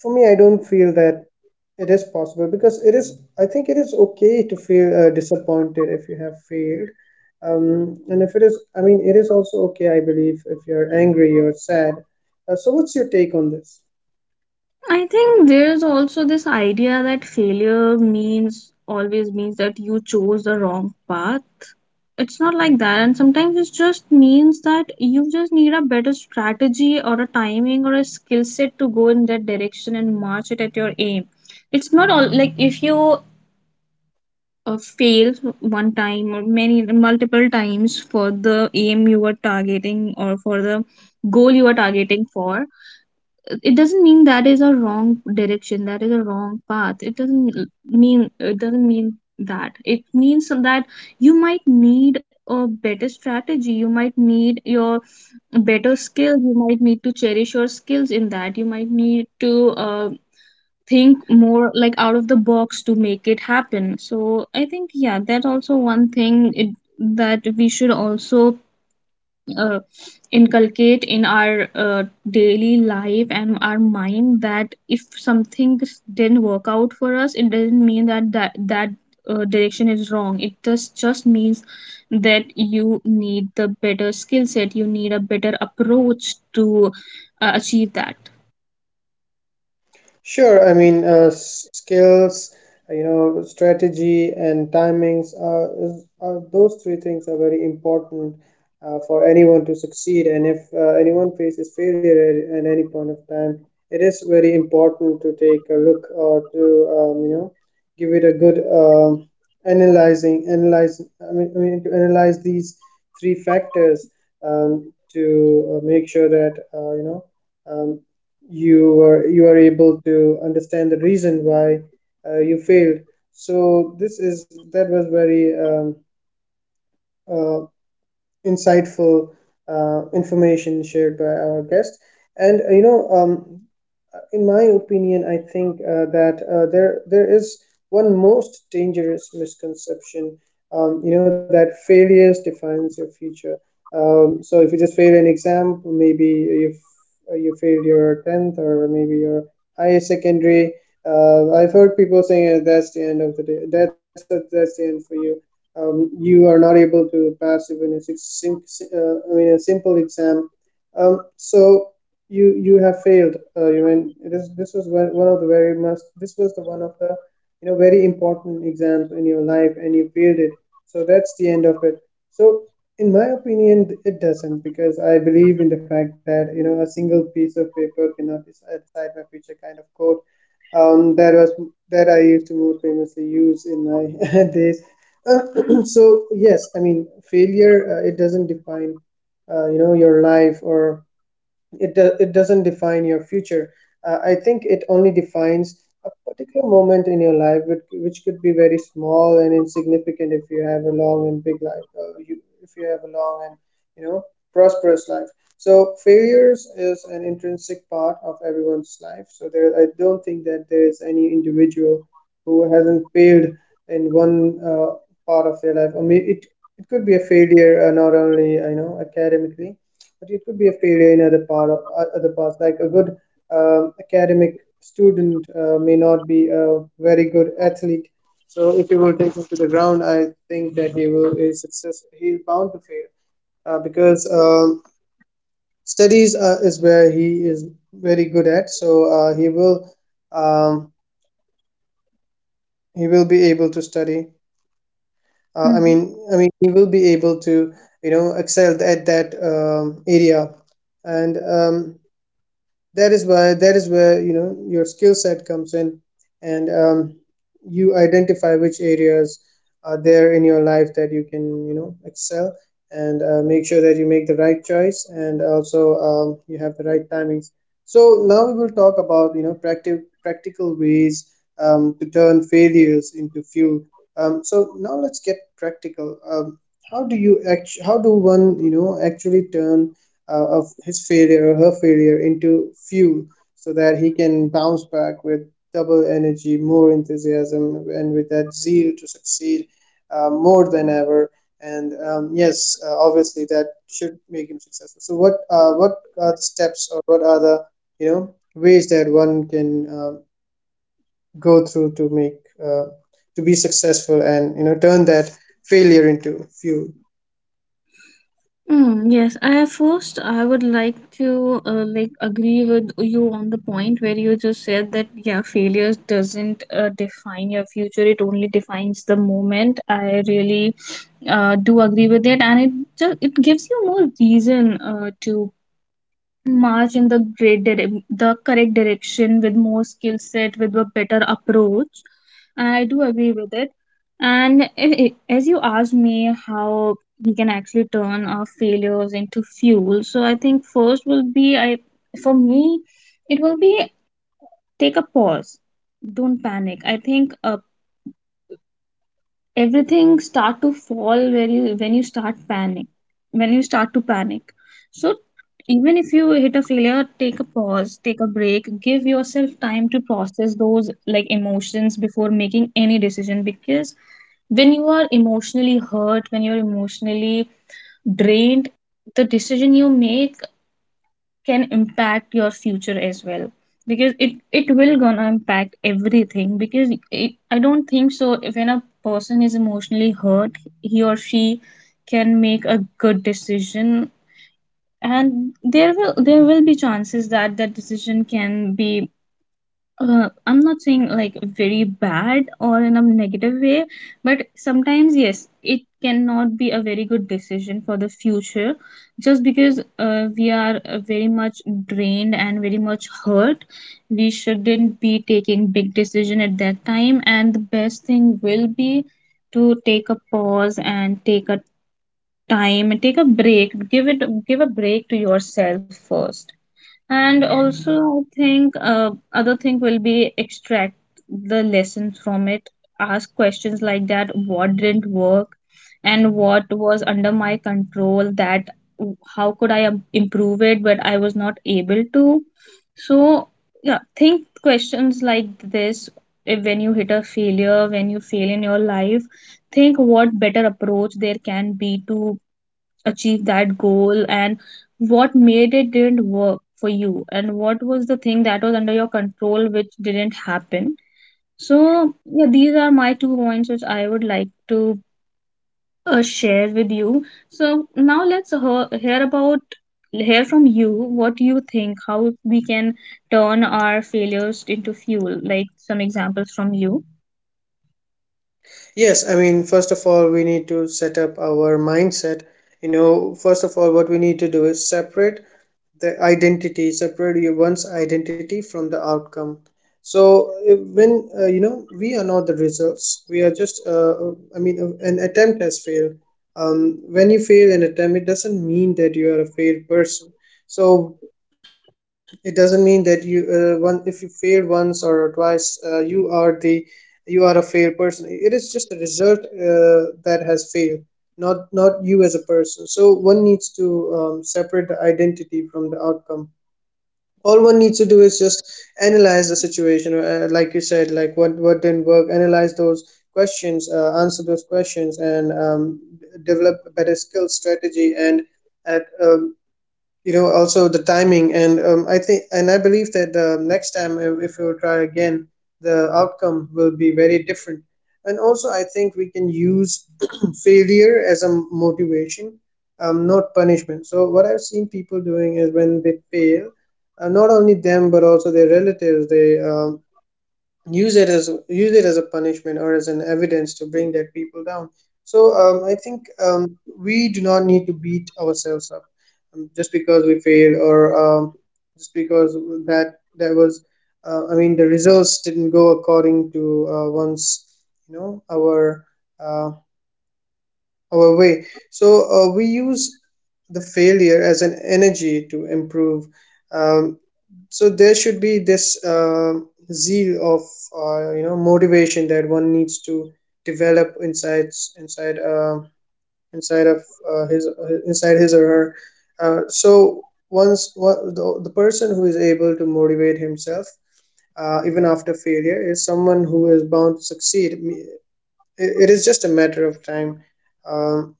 For me, I don't feel that it is possible, because it is, I think it is okay to feel uh, disappointed if you have failed. Um, and if it is, I mean, it is also okay, I believe, if you're angry or sad. Uh, so, what's your take on this? I think there is also this idea that failure means always means that you chose the wrong path. It's not like that, and sometimes it just means that you just need a better strategy, or a timing, or a skill set to go in that direction and march it at your aim. It's not all, like, if you uh, fail one time or many multiple times for the aim you were targeting, or for the goal you were targeting for, it doesn't mean that is a wrong direction, that is a wrong path. It doesn't l- mean it doesn't mean that, it means that you might need a better strategy, you might need your better skills, you might need to cherish your skills in that, you might need to uh, think more, like, out of the box to make it happen. So I think, yeah, that also one thing, it, that we should also uh, inculcate in our uh, daily life and our mind that if something didn't work out for us, it doesn't mean that that, that uh, direction is wrong. It just just means that you need the better skill set, you need a better approach to uh, achieve that. Sure, I mean, uh, s- skills, uh, you know, strategy and timings are, is, are, those three things are very important uh, for anyone to succeed. And if uh, anyone faces failure at, at any point of time, it is very important to take a look or to, um, you know, give it a good um analyzing, analyze, I mean, I mean, to analyze these three factors um, to uh, make sure that, uh, you know, um, you were, you are able to understand the reason why uh, you failed. So this is, that was very um, uh, insightful uh, information shared by our guest. And uh, you know, um, in my opinion, I think uh, that uh, there there is one most dangerous misconception. Um, you know, that failures defines your future. Um, so if you just fail an exam, maybe you uh, you failed your tenth, or maybe your higher secondary. Uh, I've heard people saying uh, that's the end of the day. That's that's the end for you. Um, you are not able to pass even a six, sim, si, uh, I mean, a simple exam. Um, so you you have failed. Uh, you mean, it is, this was one, one of the very must. This was the one of the, you know, very important exams in your life, and you failed it. So that's the end of it. So in my opinion, it doesn't, because I believe in the fact that, you know, a single piece of paper cannot decide, decide my future, kind of quote. Um, that was, that I used to most famously use in my days. So yes, I mean, failure, uh, it doesn't define, uh, you know, your life, or it do, it doesn't define your future. uh, I think it only defines a particular moment in your life which, which could be very small and insignificant if you have a long and big life. Uh, you, if you have a long and, you know, prosperous life. So failures is an intrinsic part of everyone's life. So there, I don't think that there is any individual who hasn't failed in one uh, part of their life. I mean, it it could be a failure, uh, not only, you know, academically, but it could be a failure in other part of other parts. Like a good um, academic student uh, may not be a very good athlete. So if you will take him to the ground, I think that he will is success, he's bound to fail, uh, because um studies uh, is where he is very good at. So uh, he will um, he will be able to study, uh, i Mhm. mean i mean he will be able to, you know, excel at that um, area. And um, that is why, that is where, you know, your skill set comes in. And um, you identify which areas are there in your life that you can, you know, excel, and uh, make sure that you make the right choice, and also um, you have the right timings. So now we will talk about, you know, practical practical ways um, to turn failures into fuel. Um, so now let's get practical. Um, how do you act- how do one, you know, actually turn uh, of his failure or her failure into fuel, so that he can bounce back with double energy, more enthusiasm, and with that zeal to succeed uh, more than ever. And um, yes, uh, obviously that should make him successful. So what uh, what are the steps, or what are the, you know, ways that one can uh, go through to make uh, to be successful, and, you know, turn that failure into fuel? Mm, yes, I first I would like to uh, like, agree with you on the point where you just said that, yeah, failure doesn't uh, define your future; it only defines the moment. I really uh, do agree with it, and it just it gives you more reason uh, to march in the great dire- the correct direction with more skill set, with a better approach. And I do agree with it. And i- i- as you asked me how we can actually turn our failures into fuel, so I think first will be— I for me it will be, take a pause. Don't panic. I think uh, everything start to fall where you when you start panic when you start to panic. So even if you hit a failure, take a pause, take a break, give yourself time to process those, like, emotions, before making any decision, because when you are emotionally hurt, when you're emotionally drained, the decision you make can impact your future as well. Because it it will gonna impact everything. Because it, I don't think so, if, when a person is emotionally hurt, he or she can make a good decision. And there will there will be chances that that decision can be, uh, I'm not saying like, very bad or in a negative way, but sometimes, yes, it cannot be a very good decision for the future, just because uh, we are uh, very much drained and very much hurt. We shouldn't be taking big decision at that time, and the best thing will be to take a pause and take a time and take a break. Give it give a break to yourself first. And also, I think, uh, other thing will be, extract the lessons from it. Ask questions like that: what didn't work, and what was under my control? That w- how could I im- improve it, but I was not able to. So, yeah, think questions like this. If, when you hit a failure, when you fail in your life, think what better approach there can be to achieve that goal, and what made it didn't work for you, and what was the thing that was under your control which didn't happen. So, yeah, these are my two points which I would like to uh, share with you. So now let's hear, hear about hear from you, what do you think, how we can turn our failures into fuel, like some examples from you? Yes, I mean, first of all, we need to set up our mindset. You know, first of all, what we need to do is separate the identity, separate your one's identity from the outcome. So if, when, uh, you know, we are not the results, we are just. Uh, I mean, uh, an attempt has failed. Um, when you fail an attempt, it doesn't mean that you are a failed person. So it doesn't mean that you uh, one if you failed once or twice, uh, you are the you are a failed person. It is just the result uh, that has failed, not not you as a person. So one needs to um, separate the identity from the outcome. All one needs to do is just analyze the situation, or, uh, like you said, like what what didn't work. Analyze those questions, uh, answer those questions, and um, d- develop a better skill strategy and at um, you know also the timing and um, I think and I believe that uh, next time if, if we'll try again, the outcome will be very different. And also I think we can use failure as a motivation, um, not punishment. So what I've seen people doing is when they fail, uh, not only them but also their relatives, they um, use it as use it as a punishment or as an evidence to bring that people down. So um, I think um, we do not need to beat ourselves up um, just because we failed or um, just because that that was uh, I mean the results didn't go according to uh, one's, you know, our, uh, our way. So uh, we use the failure as an energy to improve. um, so there should be this uh, zeal of uh, you know motivation that one needs to develop inside, inside uh, inside of uh, his inside his or her. Uh, so once, what, the, the person who is able to motivate himself uh, even after failure is someone who is bound to succeed. Me- it it is just a matter of time, um,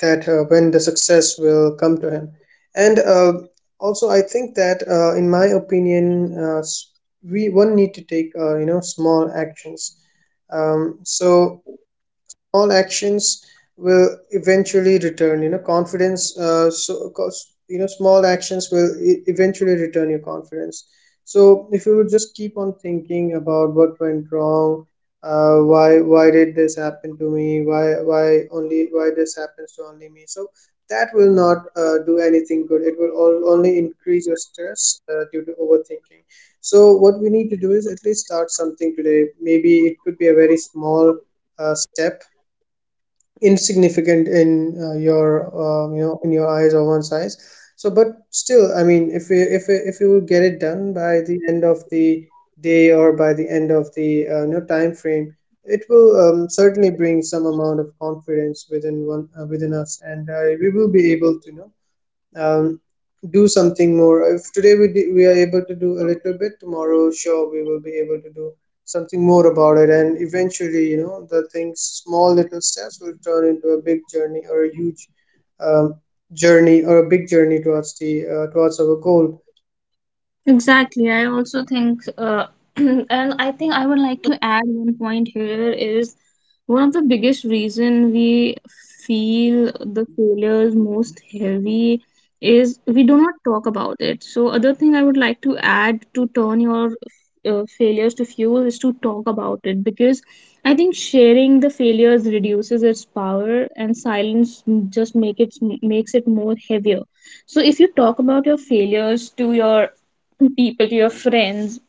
that uh, when the success will come to him. And uh, also I think that uh, in my opinion uh, s- we one need to take uh, you know small actions. um, so Small actions will eventually return, you know, confidence. Uh, so because, you know, small actions will e- eventually return your confidence. So if you would just keep on thinking about what went wrong, uh, why why did this happen to me, why why only why this happens to only me? So that will not uh, do anything good. It will all, only increase your stress uh, due to overthinking. So what we need to do is at least start something today. Maybe it could be a very small uh, step, insignificant in uh, your uh, you know in your eyes or one's eyes. So but still, I mean, if you if you- if you will get it done by the end of the day, or by the end of the uh, you know time frame, it will um, certainly bring some amount of confidence within one, uh, within us, and uh, we will be able to, you know, um, do something more. If today we d- we are able to do a little bit, tomorrow sure we will be able to do something more about it, and eventually, you know, the things, small little steps, will turn into a big journey or a huge, um, journey or a big journey towards the uh, towards our goal. Exactly. I also think, uh, and I think I would like to add one point here is one of the biggest reason we feel the failures most heavy is we do not talk about it. So other thing I would like to add to turn your uh, failures to fuel is to talk about it, because I think sharing the failures reduces its power, and silence just make it makes it more heavier. So if you talk about your failures to your people, to your friends,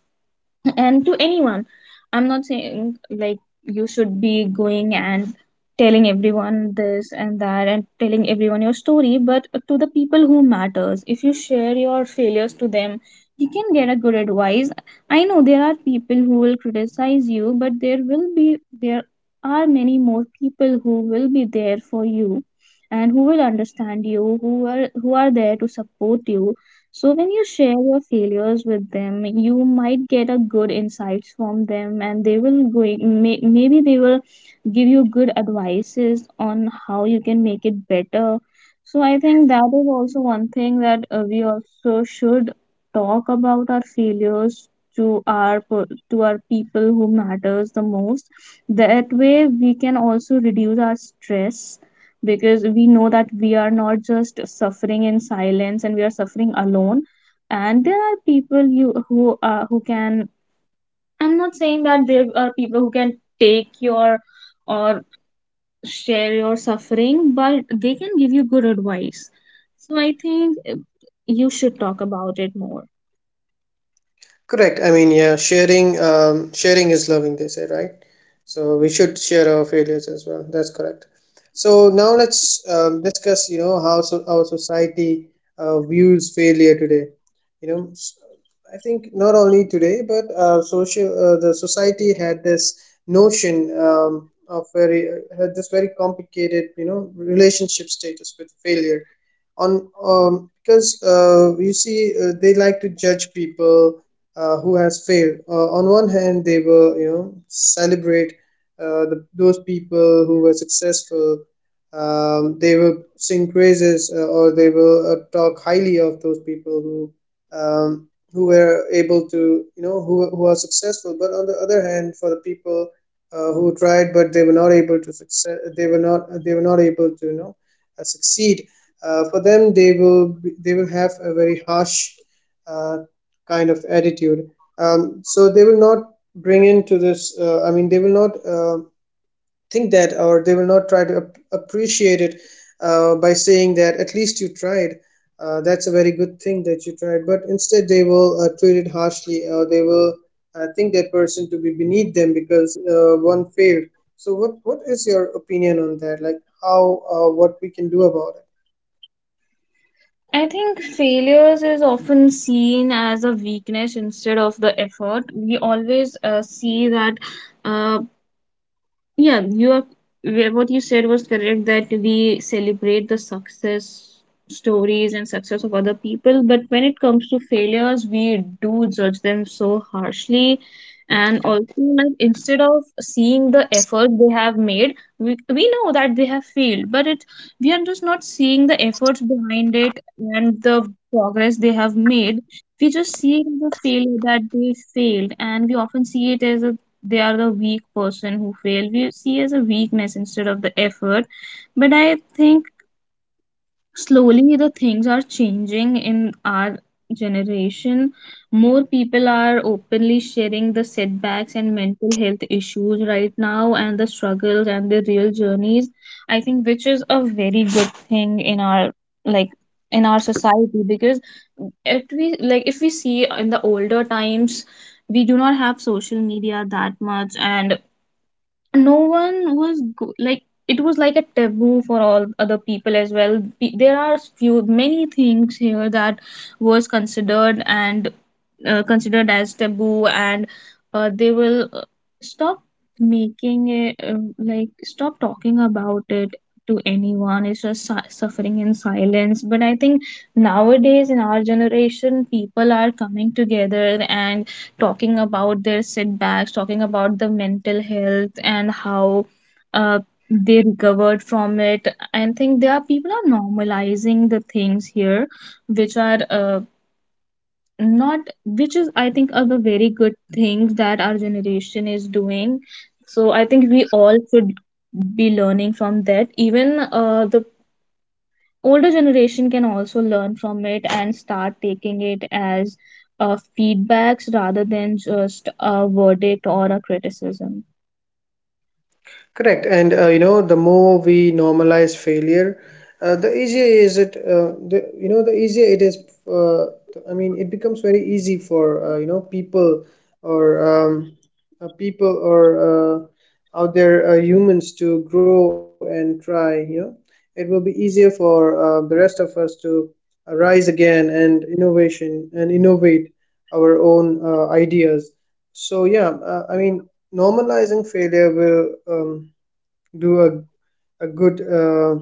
and to anyone. I'm not saying like you should be going and telling everyone this and that and telling everyone your story, but to the people who matters. If you share your failures to them, you can get a good advice. I know there are people who will criticize you, but there will be there are many more people who will be there for you and who will understand you, who are who are there to support you. So when you share your failures with them, you might get a good insights from them, and they will going may, maybe they will give you good advices on how you can make it better. So I think that is also one thing that uh, we also should talk about our failures to our per- to our people who matters the most. That way we can also reduce our stress, because we know that we are not just suffering in silence and we are suffering alone, and there are people you who uh, who can I'm not saying that there are people who can take your or share your suffering, but they can give you good advice. So I think uh, you should talk about it more. Correct. I mean, yeah, sharing, um, sharing is loving, they say, right? So we should share our failures as well. That's correct. So now let's um, discuss, you know, how, so our society uh, views failure today. You know, s- I think not only today, but uh, social uh, the society had this notion um, of very uh, had this very complicated, you know, relationship status with failure on um, because uh, you see, uh, they like to judge people uh, who has failed. Uh, on one hand, they will, you know, celebrate uh, the, those people who were successful. Um, they will sing praises uh, or they will uh, talk highly of those people who um, who were able to, you know, who who are successful. But on the other hand, for the people uh, who tried but they were not able to success, they were not they were not able to, you know, uh, succeed. Uh, for them, they will be, they will have a very harsh uh, kind of attitude. Um, so they will not bring into this, uh, I mean, they will not uh, think that, or they will not try to ap- appreciate it uh, by saying that at least you tried. Uh, that's a very good thing that you tried. But instead, they will uh, treat it harshly, or they will uh, think that person to be beneath them because uh, one failed. So what, what is your opinion on that? Like how, uh, what we can do about it? I think failures is often seen as a weakness instead of the effort. We always uh, see that uh, Yeah, you are yeah, what you said was correct, that we celebrate the success stories and success of other people, but when it comes to failures, we do judge them so harshly. And also, like, instead of seeing the effort they have made, we, we know that they have failed, but it we are just not seeing the efforts behind it and the progress they have made. We just see the failure that they failed, and we often see it as a they are the weak person who fail we see as a weakness instead of the effort. But I think slowly the things are changing in our generation. More people are openly sharing the setbacks and mental health issues right now, and the struggles and the real journeys. I think which is a very good thing in our, like, in our society. Because if we, like, if we see in the older times, we do not have social media that much, and no one was go- like it was like a taboo for all other people as well. Pe- there are few many things here that was considered and uh, considered as taboo, and uh, they will uh, stop making it, uh, like stop talking about it to anyone. It's just su- suffering in silence. But I think nowadays in our generation people are coming together and talking about their setbacks, talking about the mental health and how uh, they recovered from it. I think there are people are normalizing the things here, which are uh, not, which is I think are the very good things that our generation is doing. So I think we all should be learning from that. Even uh, the older generation can also learn from it and start taking it as uh, feedbacks rather than just a verdict or a criticism. Correct. And uh, you know, the more we normalize failure, uh, the easier is it. Uh, the, you know, the easier it is. Uh, I mean, it becomes very easy for uh, you know people or um, uh, people or uh, out there, uh, humans to grow and try. You know, it will be easier for uh, the rest of us to uh, rise again and innovation and innovate our own uh, ideas. So yeah, uh, I mean, normalizing failure will, Um, do a, a good uh,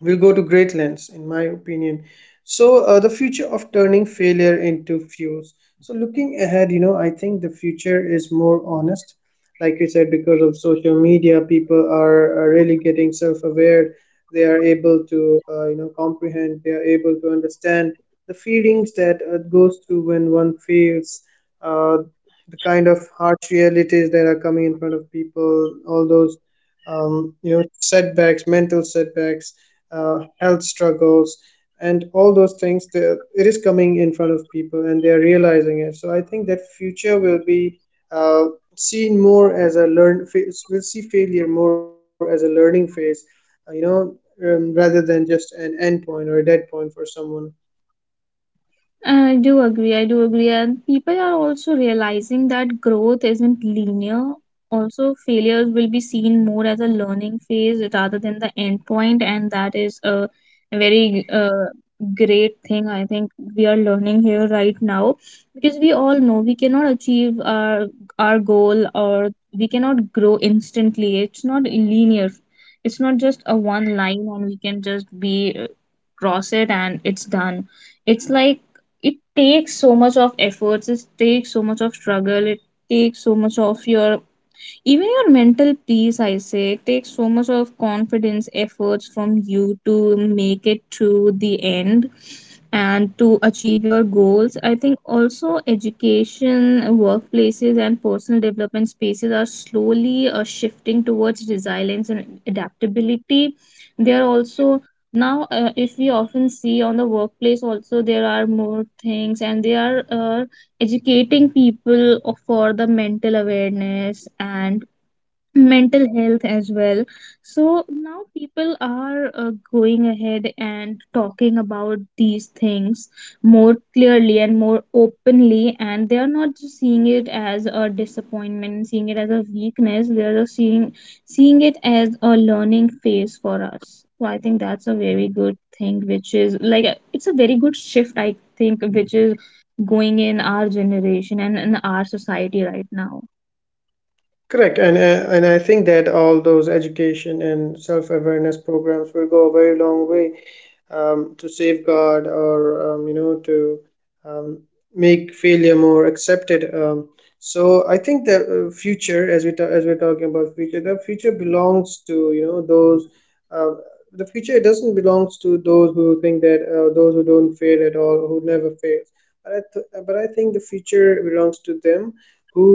will go to great lengths, in my opinion. So uh, the future of turning failure into fuels. So looking ahead, you know, I think the future is more honest. Like you said, because of social media, people are, are really getting self-aware. They are able to uh, you know comprehend, they are able to understand the feelings that uh, goes through when one fails, uh, the kind of harsh realities that are coming in front of people, all those um, you know setbacks, mental setbacks, uh, health struggles, and all those things, they, it is coming in front of people and they are realizing it. So I think that future will be uh, seen more as a learn phase we'll see failure more as a learning phase, uh, you know, um, rather than just an end point or a dead point for someone. I do agree. I do agree. And people are also realizing that growth isn't linear. Also, failures will be seen more as a learning phase rather than the end point, and that is a very uh, great thing. I think we are learning here right now, because we all know we cannot achieve our our goal, or we cannot grow instantly. It's not linear. It's not just a one line, and we can just be uh, cross it and it's done. It's like it takes so much of efforts, it takes so much of struggle, it takes so much of your, even your mental peace I say, takes so much of confidence efforts from you to make it to the end and to achieve your goals. I think also education, workplaces and personal development spaces are slowly uh, shifting towards resilience and adaptability. They are also now, uh, if we often see on the workplace also, there are more things, and they are uh, educating people for the mental awareness and mental health as well. So now people are uh, going ahead and talking about these things more clearly and more openly, and they are not just seeing it as a disappointment, seeing it as a weakness. They are just seeing seeing it as a learning phase for us. So I think that's a very good thing, which is like, it's a very good shift I think, which is going in our generation and in our society right now. Correct. And uh, and I think that all those education and self-awareness programs will go a very long way um, to safeguard, or um, you know to um, make failure more accepted. Um, so I think the uh, future, as we ta- as we're talking about future, the future belongs to, you know, those. Uh, the future doesn't belongs to those who think that uh, those who don't fail at all, who never fails. But I th- but I think the future belongs to them who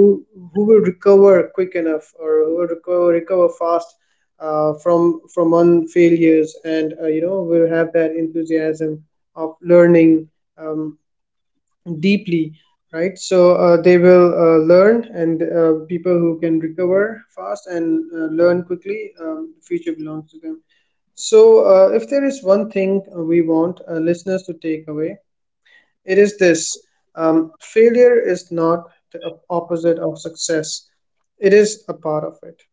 who will recover quick enough, or who will recover recover fast uh, from from one failures, and uh, you know will have that enthusiasm of learning, um, deeply, right? So uh, they will uh, learn, and uh, people who can recover fast and uh, learn quickly, um, the future belongs to them. So uh, if there is one thing uh, we want uh, listeners to take away, it is this: um, failure is not the op- opposite of success, it is a part of it.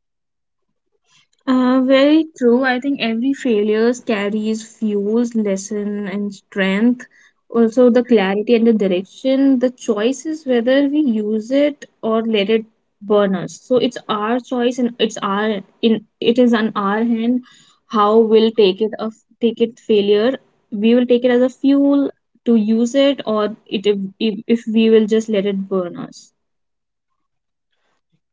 Uh, very true. I think every failures carries fuels, lesson, and strength. Also, the clarity and the direction. The choice is whether we use it or let it burn us. So it's our choice, and it's our in it is on our hand how we'll take it of take it failure. We will take it as a fuel to use it, or it if, if if we will just let it burn us.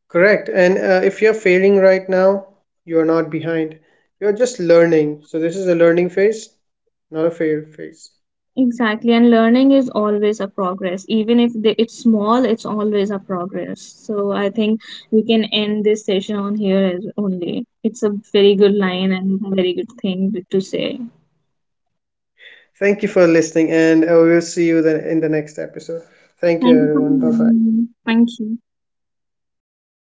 Correct. And uh, if you're failing right now, you're not behind. You're just learning. So this is a learning phase, not a fail phase. Exactly, and learning is always a progress. Even if the, it's small, it's always a progress. So I think we can end this session on here as only. It's a very good line and a very good thing to say. Thank you for listening, and uh, we will see you then in the next episode. Thank you, Thank you for everyone. Bye bye. having me. Thank you.